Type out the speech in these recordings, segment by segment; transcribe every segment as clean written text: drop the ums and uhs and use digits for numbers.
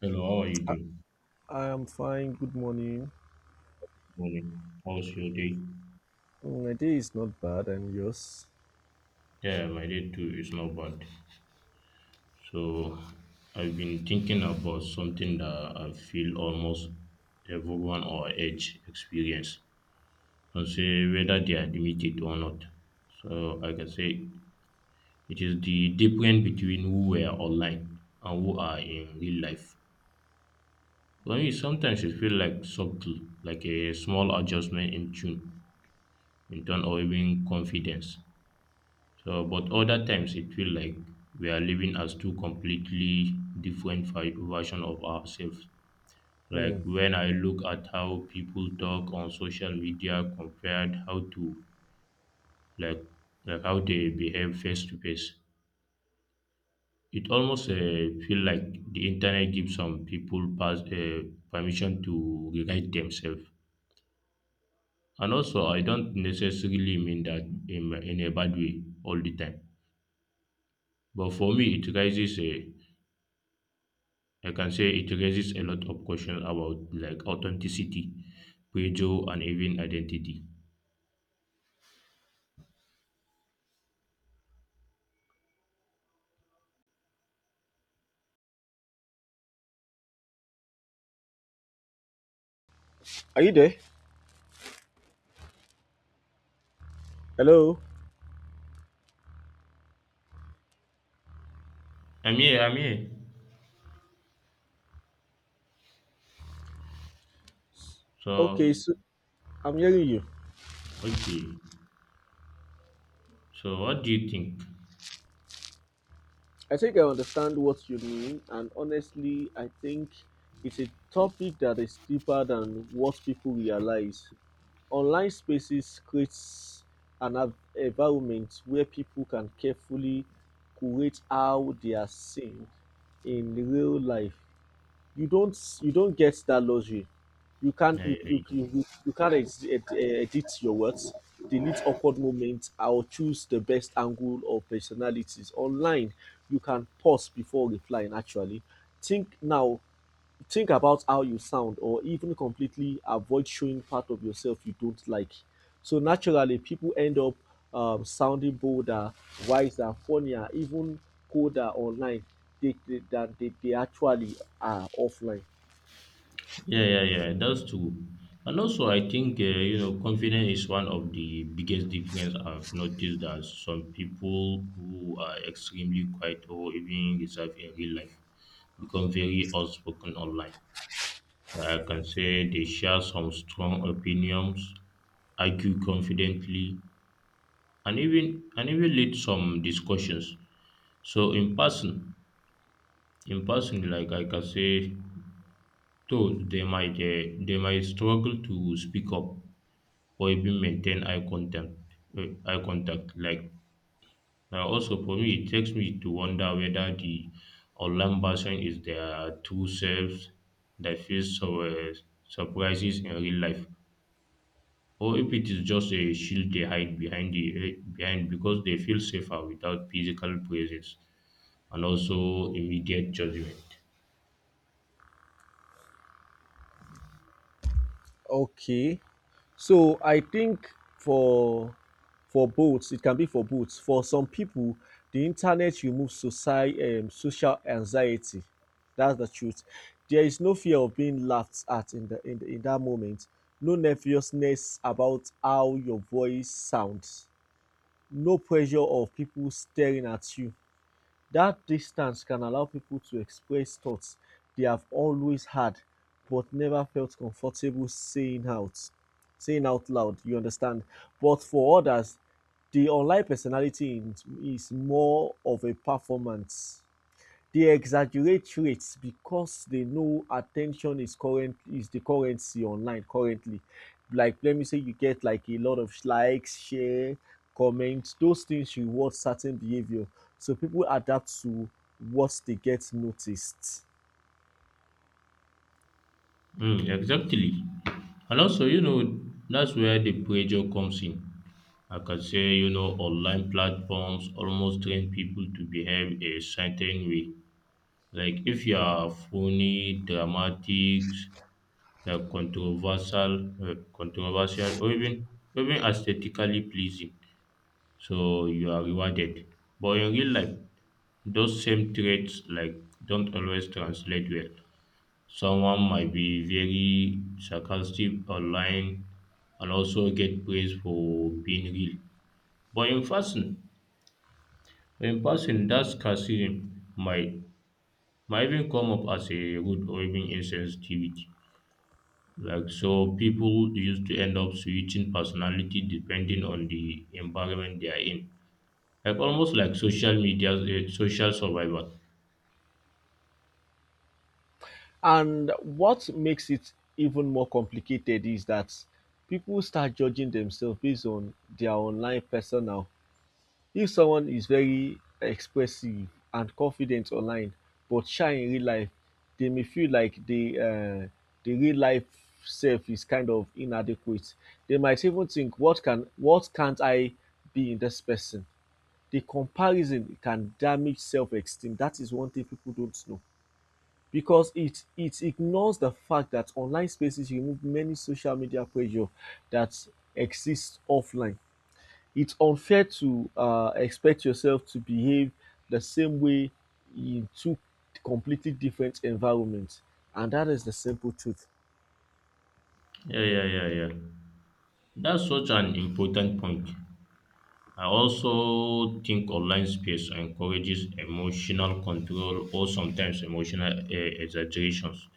Hello, how are you I, doing? I am fine. Good morning. Morning. How's your day? Mm, my day is not bad, and yours? Yeah, my day too is not bad. So, I've been thinking about something that I feel almost everyone our age experience, and say whether they admit it or not. So, I can say it is the difference between who were online and who are in real life. For me, sometimes it feels like subtle, like a small adjustment in tune, in tone or even confidence. So, but other times it feel like we are living as two completely different version of ourselves. Like Mm. when I look at how people talk on social media compared how to like like how they behave face to face, it almost feel like the internet gives some people permission to rewrite themselves. And also, I don't necessarily mean that in a bad way all the time. But for me, it raises a I can say it raises a lot of questions about like authenticity, pressure, and even identity. Are you there? Hello? I'm here. I'm here. Okay, So so I'm hearing you. okay. So what do you think? I think I understand what you mean, and honestly, I think it's a topic that is deeper than what people realize. Online spaces creates an environment where people can carefully curate how they are seen in real life. You don't get that luxury. you can't Yeah, you yeah, you, yeah, you, you can't edit your words, delete awkward moments, or choose the best angle or personalities online. You can pause before replying, actually think now, think about how you sound, or even completely avoid showing part of yourself you don't like. So naturally, people end up sounding bolder, wiser, funnier, even colder online than they actually are offline. yeah. Yeah, yeah, that's true. And also, I think you know, confidence is one of the biggest difference I've noticed that some people who are extremely quiet or even reserved in real life become very outspoken online. Like, I can say they share some strong opinions argue confidently, and even lead some discussions. So in person, like I can say, though they might struggle to speak up or even maintain eye contact. Eye contact. Like now, also for me, it takes me to wonder whether the online version is their true selves that feels so surprises in real life. Or if it is just a shield they hide behind behind because they feel safer without physical presence and also immediate judgment. Okay. So I think for for both, it can be for both. For some people, the internet removes socie social anxiety. That's the truth. There is no fear of being laughed at in in that moment. No nervousness about how your voice sounds. No pressure of people staring at you. That distance can allow people to express thoughts they have always had but never felt comfortable saying out loud, you understand? But for others, the online personality is more of a performance. They exaggerate rates because they know attention is the currency online currently. Like let me say you get like a lot of likes, share, comments. Those things reward certain behavior, so people adapt to what they get noticed. Mm, exactly. And also, you know, that's where the pressure comes in. Like I can say, you know, online platforms almost train people to behave a certain way. Like if you are funny, dramatic, like controversial, or even aesthetically pleasing, so you are rewarded. But in real life, those same traits like don't always translate well. Someone might be very sarcastic online and also get praise for being real. But in person, that sarcasm might even come up as a rude or even insensitivity. Like so, people used to end up switching personality depending on the environment they are in. Like almost like social media, social survival. And what makes it even more complicated is that people start judging themselves based on their online persona. If someone is very expressive and confident online but shy in real life, they may feel like the real life self is kind of inadequate. They might even think, what can't I be in this person? The comparison can damage self-esteem. That is one thing people don't know because it ignores the fact that online spaces remove many social media pressure that exists offline. It's unfair to expect yourself to behave the same way in two completely different environments. And that is the simple truth. Yeah, yeah, yeah, yeah. That's such an important point. I also think online space encourages emotional control or sometimes emotional exaggerations.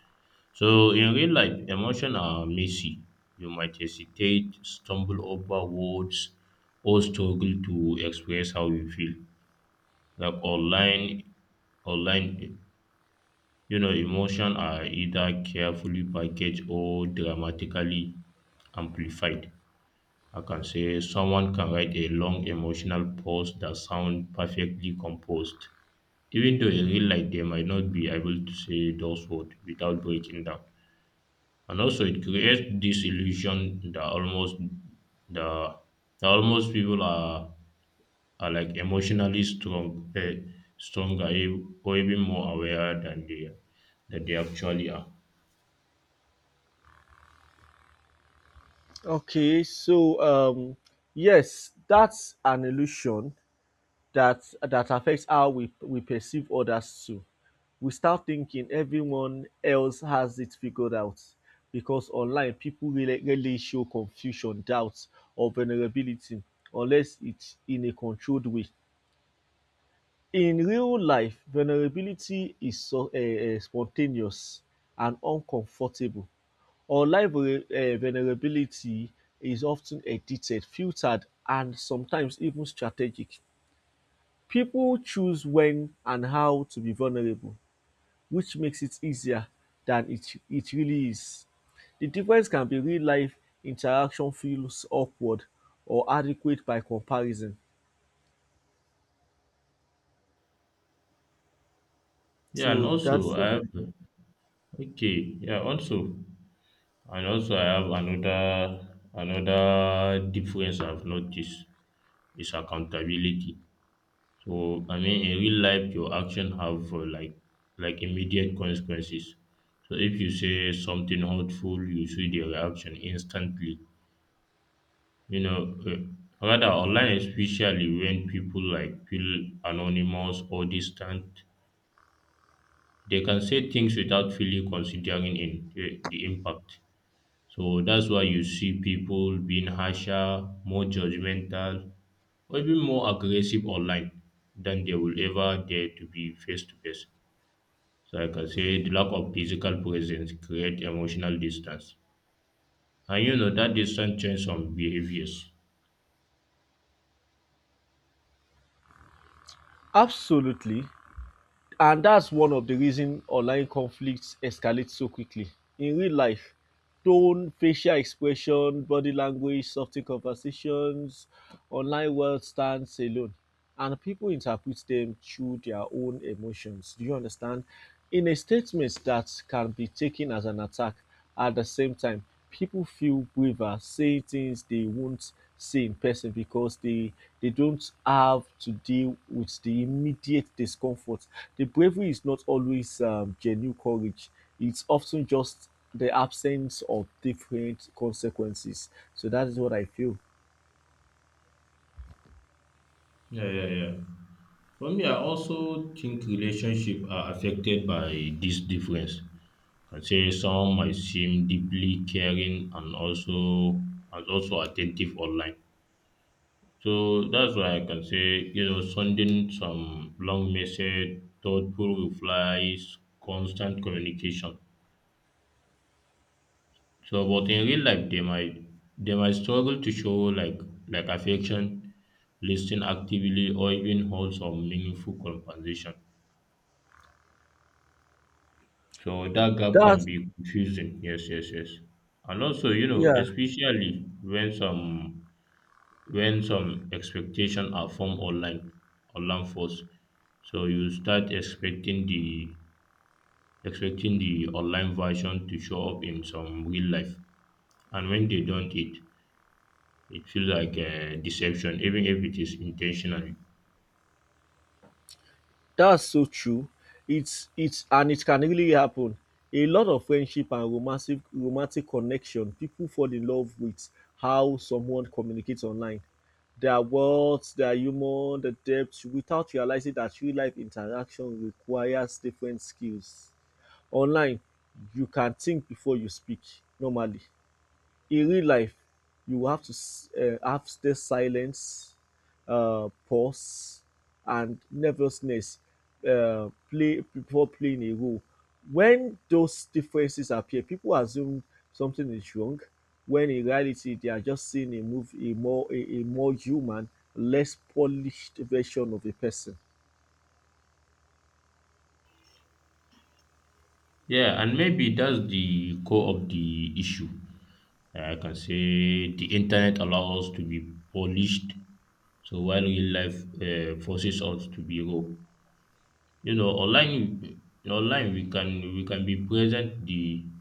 So in real life, emotions are messy. You might hesitate, stumble over words, or struggle to express how you feel. Like online, online you know, emotions are either carefully packaged or dramatically amplified. I can say someone can write a long emotional post that sound perfectly composed, even though in real life they might not be able to say those words without breaking down. And also, it creates this illusion that almost the that almost people are like emotionally strong, stronger, or even more aware than they that they actually are. Okay, so yes, that's an illusion that affects how we perceive others too. We start thinking everyone else has it figured out because online people really, really show confusion, doubts, or vulnerability unless it's in a controlled way. In real life, vulnerability is spontaneous and uncomfortable. Online vulnerability is often edited, filtered, and sometimes even strategic. People choose when and how to be vulnerable, which makes it easier than it really is. The difference can be real life interaction feels awkward or adequate by comparison. Yeah, and So also that's I what I have think. Okay. Yeah, also and also I have another another difference I've noticed is accountability. So I mean, in real life, your action have like immediate consequences. So if you say something hurtful, you see the reaction instantly. You know, rather online, especially when people like feel anonymous or distant, they can say things without fully considering the impact. So that's why you see people being harsher, more judgmental, or even more aggressive online than they will ever dare to be face to face. So like I can say the lack of physical presence creates emotional distance. And you know that distance changes some behaviors. Absolutely. And that's one of the reason online conflicts escalate so quickly. In real life, tone, facial expression, body language, soften conversations, online world stands alone. And people interpret them through their own emotions. Do you understand? In a statement that can be taken as an attack, at the same time, people feel braver saying things they won't say in person because they don't have to deal with the immediate discomfort. The bravery is not always genuine courage, it's often just the absence of different consequences. So that is what I feel. Yeah, yeah, yeah. For me, I also think relationships are affected by this difference. I can say some might seem deeply caring and also attentive online. So that's why I can say, you know, sending some long message, thoughtful replies, constant communication. So, but in real life, they might struggle to show like like affection, listen actively, or even hold some meaningful conversation. So that gap can That be confusing. Yes, yes, yes. And also, you know, yeah. especially when some expectation are formed online online first, so you start expecting the online version to show up in some real life, and when they don't, it feels like a deception even if it is intentional. That's so true. It's and it can really happen. A lot of friendship and romantic connection people fall in love with how someone communicates online. Their words, their humor, the depth without realizing that real life interaction requires different skills. Online, you can think before you speak normally. In real life, you have to have stay silence, pause, and nervousness play before playing a role. When those differences appear, people assume something is wrong, when in reality they are just seeing a more human, less polished version of a person. Yeah, and maybe that's the core of the issue. I can say the internet allows us to be polished, so while real life forces us to be raw. You know, online online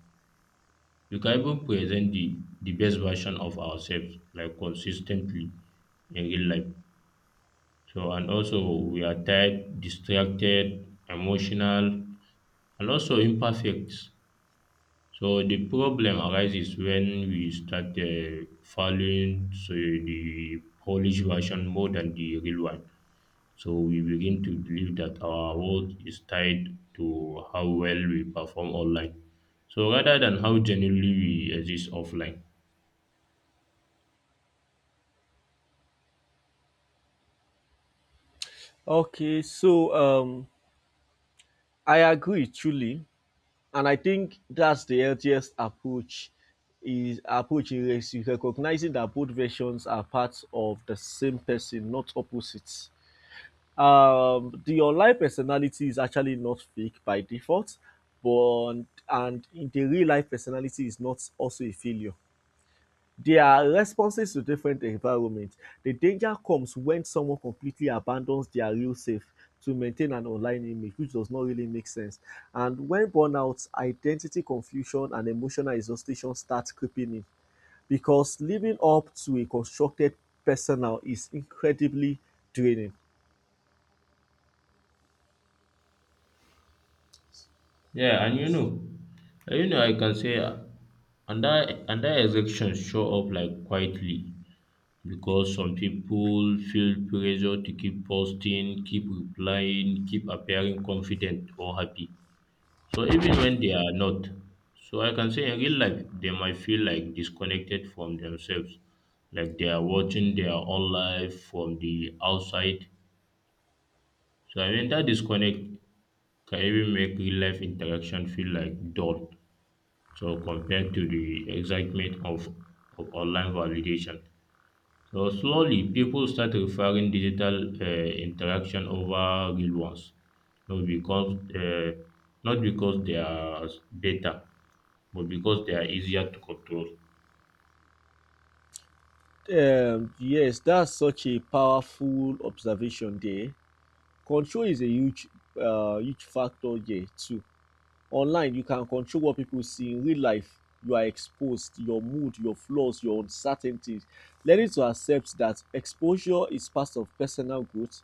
we can even present the best version of ourselves like consistently in real life. So and also we are tired, distracted, emotional, and also imperfect. So the problem arises when we start following so the polished version more than the real one. So we begin to believe that our worth is tied to how well we perform online. So rather than how genuinely we exist offline. Okay, so I agree truly, and I think that's the healthiest approach is recognizing that both versions are parts of the same person, not opposites. The online personality is actually not fake by default, but and the real life personality is not also a failure. They are responses to different environments. The danger comes when someone completely abandons their real self to maintain an online image, which does not really make sense. And when burnout, identity confusion, and emotional exhaustion start creeping in, because living up to a constructed persona is incredibly draining. Yeah, and you know, I can say under under exceptions show up like quietly because some people feel pressure to keep posting, keep replying, keep appearing confident or happy. So even when they are not, so I can say in real life, they might feel like disconnected from themselves, like they are watching their own life from the outside. So I mean that disconnect can even make real life interaction feel like dull. So compared to the excitement of online validation. So slowly, people start referring digital interaction over real ones, not because not because they are better, but because they are easier to control. Yes, that's such a powerful observation there. Control is a huge, huge factor here too. Online, you can control what people see. In real life, you are exposed, your mood, your flaws, your uncertainties. Learning to accept that exposure is part of personal growth,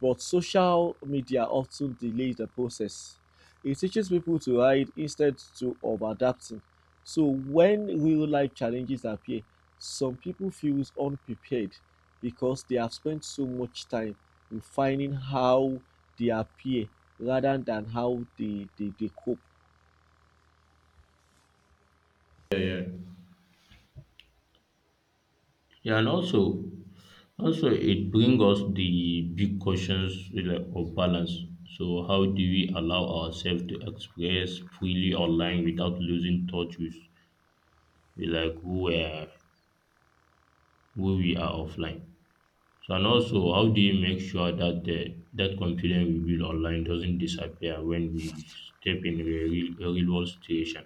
but social media often delays the process. It teaches people to hide instead to of adapting. So when real life challenges appear, some people feel unprepared because they have spent so much time refining how they appear rather than how they cope. Yeah, and also, also it brings us the big questions like, of balance. So, how do we allow ourselves to express freely online without losing touch with like who we are offline? So and also, how do you make sure that the that confidence we build online doesn't disappear when we step in a real world situation?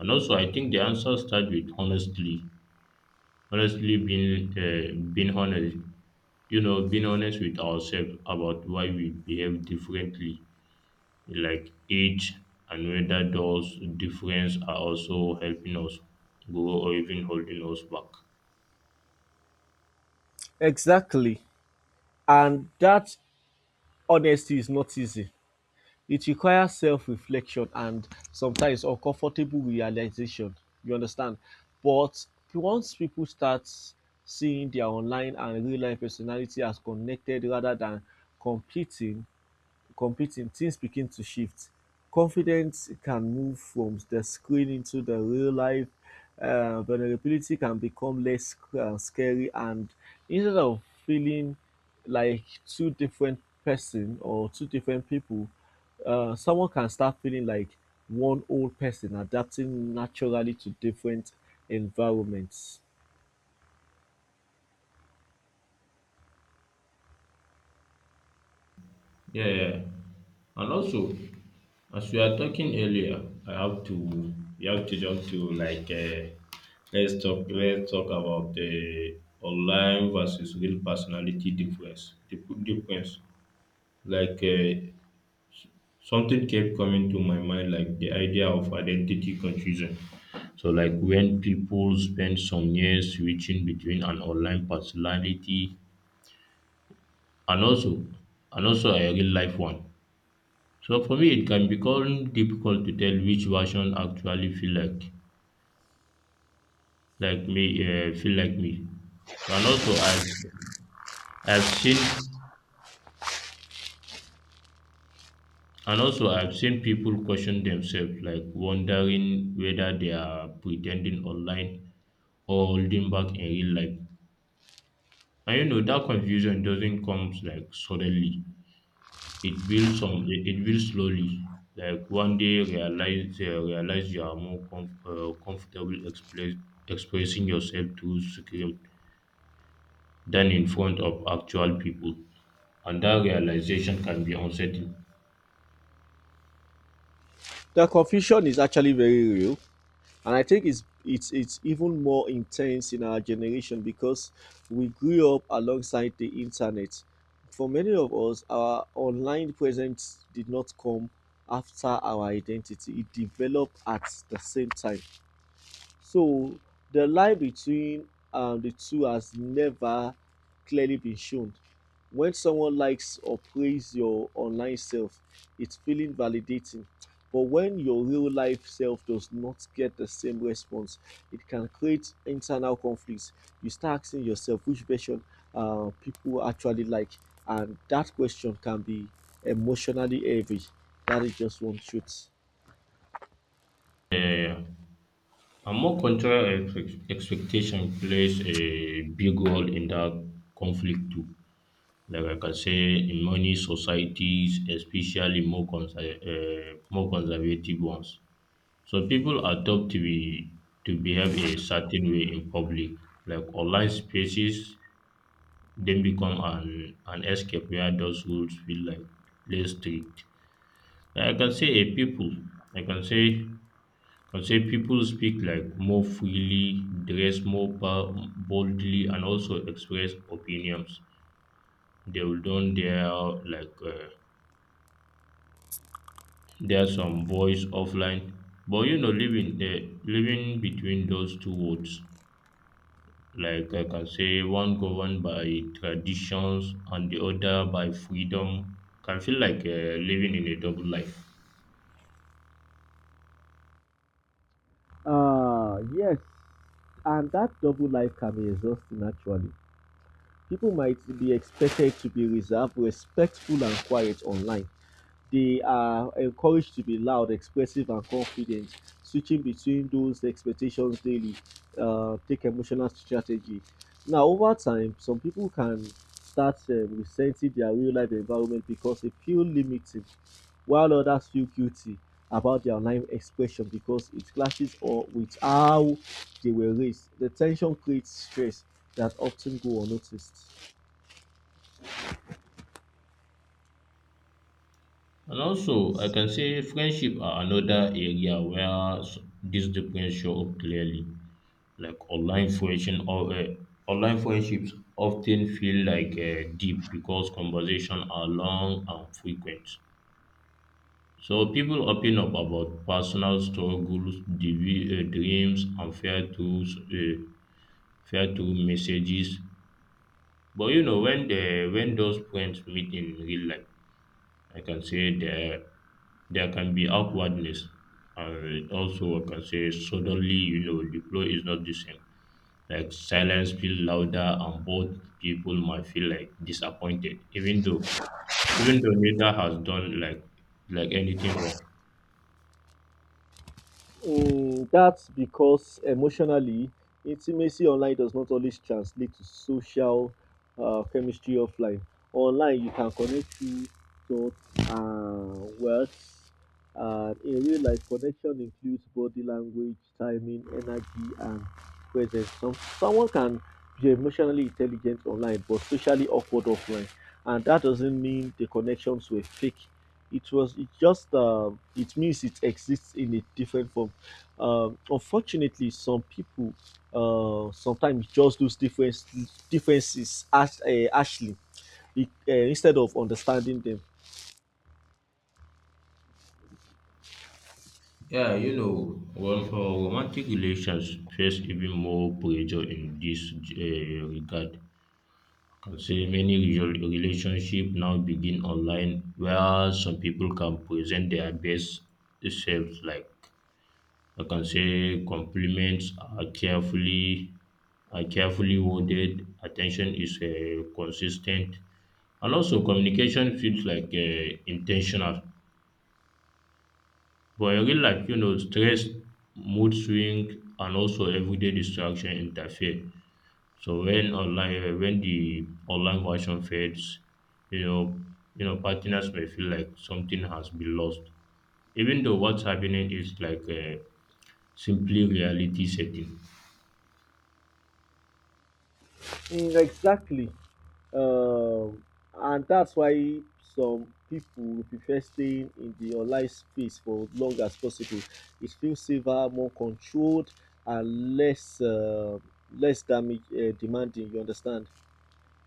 And also, I think the answer starts with honestly, honestly being being honest. You know, being honest with ourselves about why we behave differently, like age, and whether those differences are also helping us grow or even holding us back. Exactly, and that honesty is not easy. It requires self-reflection and sometimes uncomfortable realization, you understand? But once people start seeing their online and real-life personality as connected rather than competing, competing, things begin to shift. Confidence can move from the screen into the real life. Vulnerability can become scary, and instead of feeling like two different person or two different people, someone can start feeling like one old person adapting naturally to different environments. Yeah. Yeah. And also, as we are talking earlier, I have to you have to jump to like let's talk about the online versus real personality difference. The difference. Like something kept coming to my mind, like the idea of identity confusion. So like when people spend some years switching between an online personality and also and also a real life one. So for me, it can become difficult to tell which version actually feel like like me, feel like me. So and also I've seen and also I've seen people question themselves, like wondering whether they are pretending online or holding back in real life. And you know that confusion doesn't come like suddenly. It builds some. It builds slowly. Like one day, realize you are more comfortable expressing yourself through script than in front of actual people, and that realization can be unsettling. The confusion is actually very real. And I think it's even more intense in our generation because we grew up alongside the internet. For many of us, our online presence did not come after our identity. It developed at the same time. So the line between the two has never clearly been shown. When someone likes or praises your online self, it's feeling validating. But when your real life self does not get the same response, it can create internal conflicts. You start asking yourself which version people actually like, and that question can be emotionally heavy. That is just one truth. Uh, and more cultural expectation plays a big role in that conflict too. Like I can say, in many societies, especially more more conservative ones, so people are taught to be to behave a certain way in public, like online spaces, then become an escape where those rules feel like less strict. Like I can say I can say people speak like more freely, dress more boldly, and also express opinions. They will don't dare like there's some voice offline, but you know living between those two worlds. Like I can say one governed by traditions and the other by freedom can feel like living in a double life. Ah, yes. And that double life can be exhausting, actually. People might be expected to be reserved, respectful, and quiet online, they are encouraged to be loud, expressive, and confident, switching between those expectations daily. Take emotional strategy. Now, over time, some people can start resenting their real life environment because they feel limited, while others feel guilty about their online expression because it clashes or with how they were raised. The tension creates stress that often go unnoticed. And also, I can say friendship are another area where these differences show up clearly. Like online friendships often feel like deep because conversations are long and frequent. So people open up about personal struggles, dreams, and fear tools. Fair to messages. But you know, when those friends meet in real life, I can say there can be awkwardness. And also I can say suddenly, you know, the flow is not the same. Like silence feels louder and both people might feel like disappointed, even though neither has done like anything wrong. Mm, that's because emotionally, intimacy online does not always translate to social chemistry offline. Online, you can connect through thoughts and words. In real life, connection includes body language, timing, energy, and presence. Someone can be emotionally intelligent online, but socially awkward offline, and that doesn't mean the connections were fake. It was it just uh, it means it exists in a different form. Unfortunately, some people sometimes just those differences as harshly instead of understanding them. Yeah, you know, well, for romantic relations face even more pressure in this regard. I would Say many relationship now begin online where some people can present their best selves like I can say compliments are carefully worded, attention is consistent, and also communication feels like intentional. But in real life, you know, stress, mood swing, and also everyday distraction interfere. So when the online version fades, you know, you know, partners may feel like something has been lost, even though what's happening is like a simply reality setting. Mm, exactly, um, and that's why some people will prefer staying in the online space for as long as possible. It feels safer, more controlled, and less less damage demanding. You understand?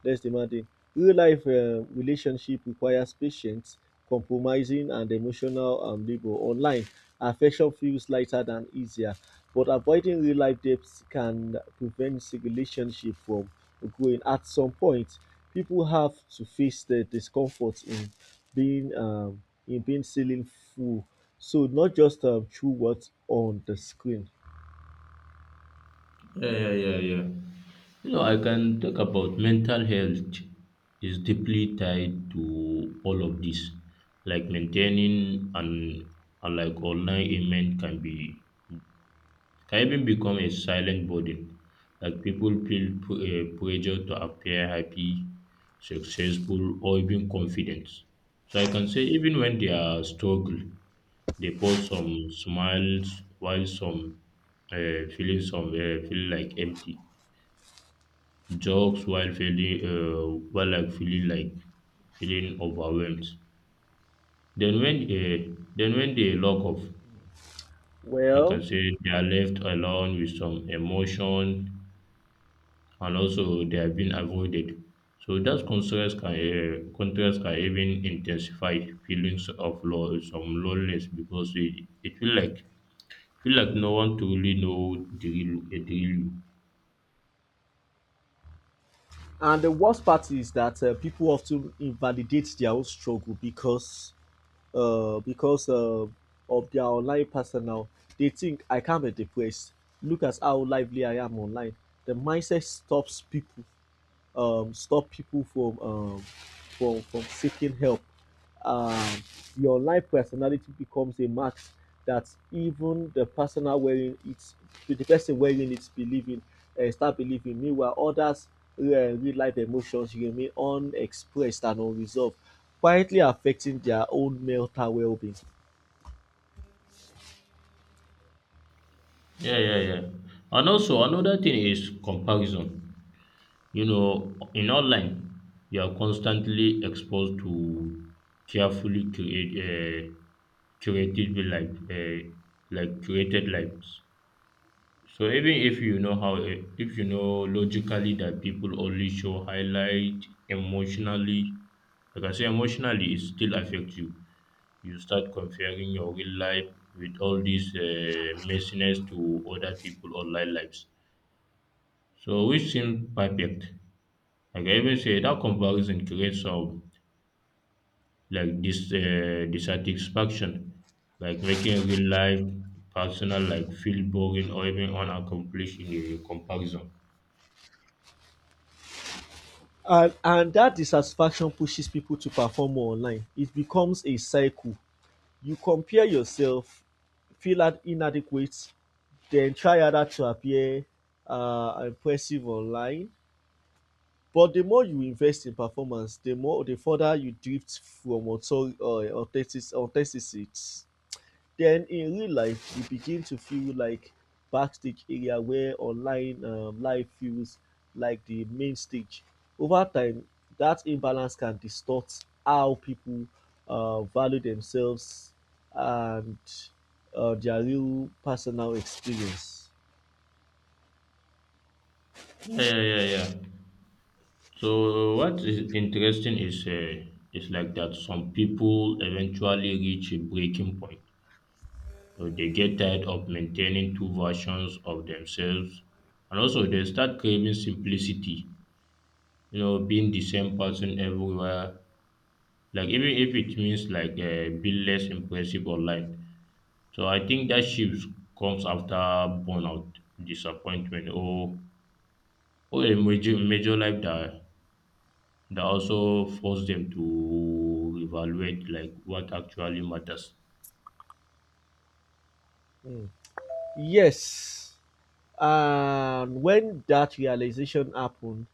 Less demanding. Real life relationship requires patience, compromising, and emotional labor. Online, affection feels lighter than easier, but avoiding real life depths can prevent relationship from growing. At some point, people have to face the discomfort being um, in being ceiling full. So not just through what's on the screen. Yeah, yeah, yeah, yeah. You know, I can talk about mental health is deeply tied to all of this. Like maintaining and like online ailment can be can even become a silent burden. Like people feel pressure to appear happy, successful, or even confident. So I can say even when they are struggle, they post some smiles while some feeling some feel like empty. Jokes while feeling while like feeling overwhelmed. Then when they lock off, I can Well, say they are left alone with some emotion and also they have been avoided. So that contrast can even intensify feelings of some loneliness because it feel like no one truly know the real, the real you. and the worst part is that people often invalidate their own struggle because uh, because uh, of their online personnel. They think, I can't be depressed. Look at how lively I am online. The mindset stop people from seeking help. Um, the online personality becomes a mask that even the person are wearing it, the person wearing it, believing. Meanwhile, others' real life emotions remain unexpressed and unresolved, quietly affecting their own mental well-being. Yeah, yeah, yeah. And also another thing is comparison. You know, in online, you are constantly exposed to carefully create curated life, like created lives. So even if you know logically that people only show highlight emotionally, like I say emotionally it still affects you. You start comparing your real life with all these messiness to other people online lives. So which seems perfect. Like I even say that comparison creates some like this dissatisfaction, like making real life personal like feel boring or even unaccomplished in a comparison. And that dissatisfaction pushes people to perform more online. It becomes a cycle. You compare yourself, feel inadequate, then try harder to appear impressive online. But the more you invest in performance, the further you drift from authenticity. Then in real life, you begin to feel like backstage area where online life feels like the main stage. Over time, that imbalance can distort how people value themselves and their real personal experience. Yeah, yeah, yeah, yeah. So what is interesting is like that some people eventually reach a breaking point. So they get tired of maintaining two versions of themselves, and also they start craving simplicity. You know, being the same person everywhere. Like even if it means like being less impressive online. So I think that shift comes after burnout, disappointment, or a major life that that also force them to evaluate like what actually matters. Mm. Yes, and when that realization happened,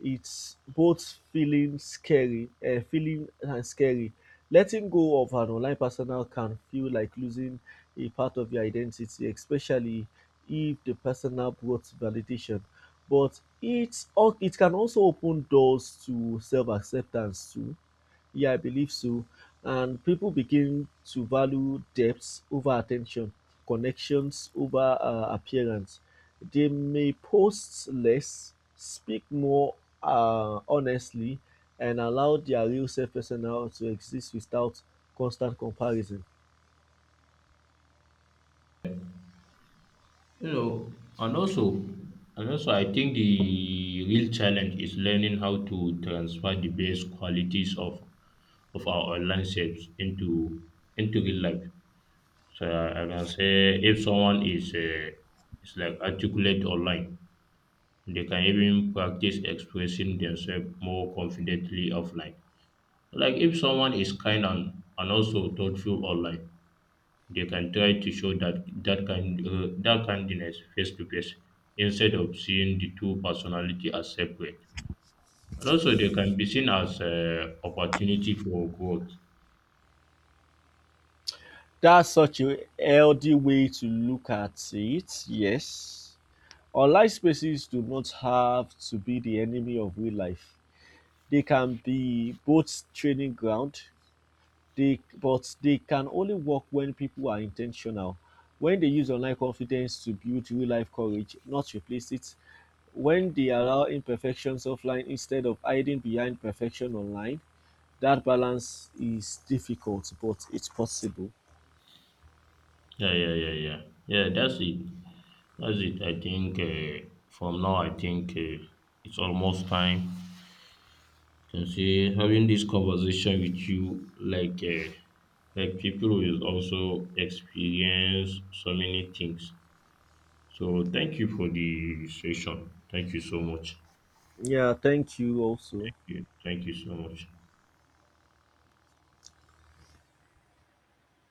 it's both feeling and scary. Letting go of an online personal can feel like losing a part of your identity, especially if the personal brought validation. But it can also open doors to self acceptance too. Yeah, I believe so. And people begin to value depth over attention, connections over appearance. They may post less, speak more honestly, and allow their real self personal to exist without constant comparison. You know, and also and also I think the real challenge is learning how to transfer the best qualities of our online selves into real life. So I can say if someone is like articulate online, they can even practice expressing themselves more confidently offline. Like if someone is kind and also thoughtful online, they can try to show that kindness face to face instead of seeing the two personality as separate. And also, they can be seen as opportunity for growth. That's such a healthy way to look at it, yes. Online spaces do not have to be the enemy of real life. They can be both training ground. They but they can only work when people are intentional. When they use online confidence to build real life courage, not replace it. When they allow imperfections offline instead of hiding behind perfection online, that balance is difficult, but it's possible. Yeah, yeah, yeah, yeah. Yeah, that's it. That's it. I think from now, I think it's almost time. Can see having this conversation with you, like people will also experience so many things. So thank you for the session. Thank you so much. Yeah, thank you also. Yeah, thank you so much.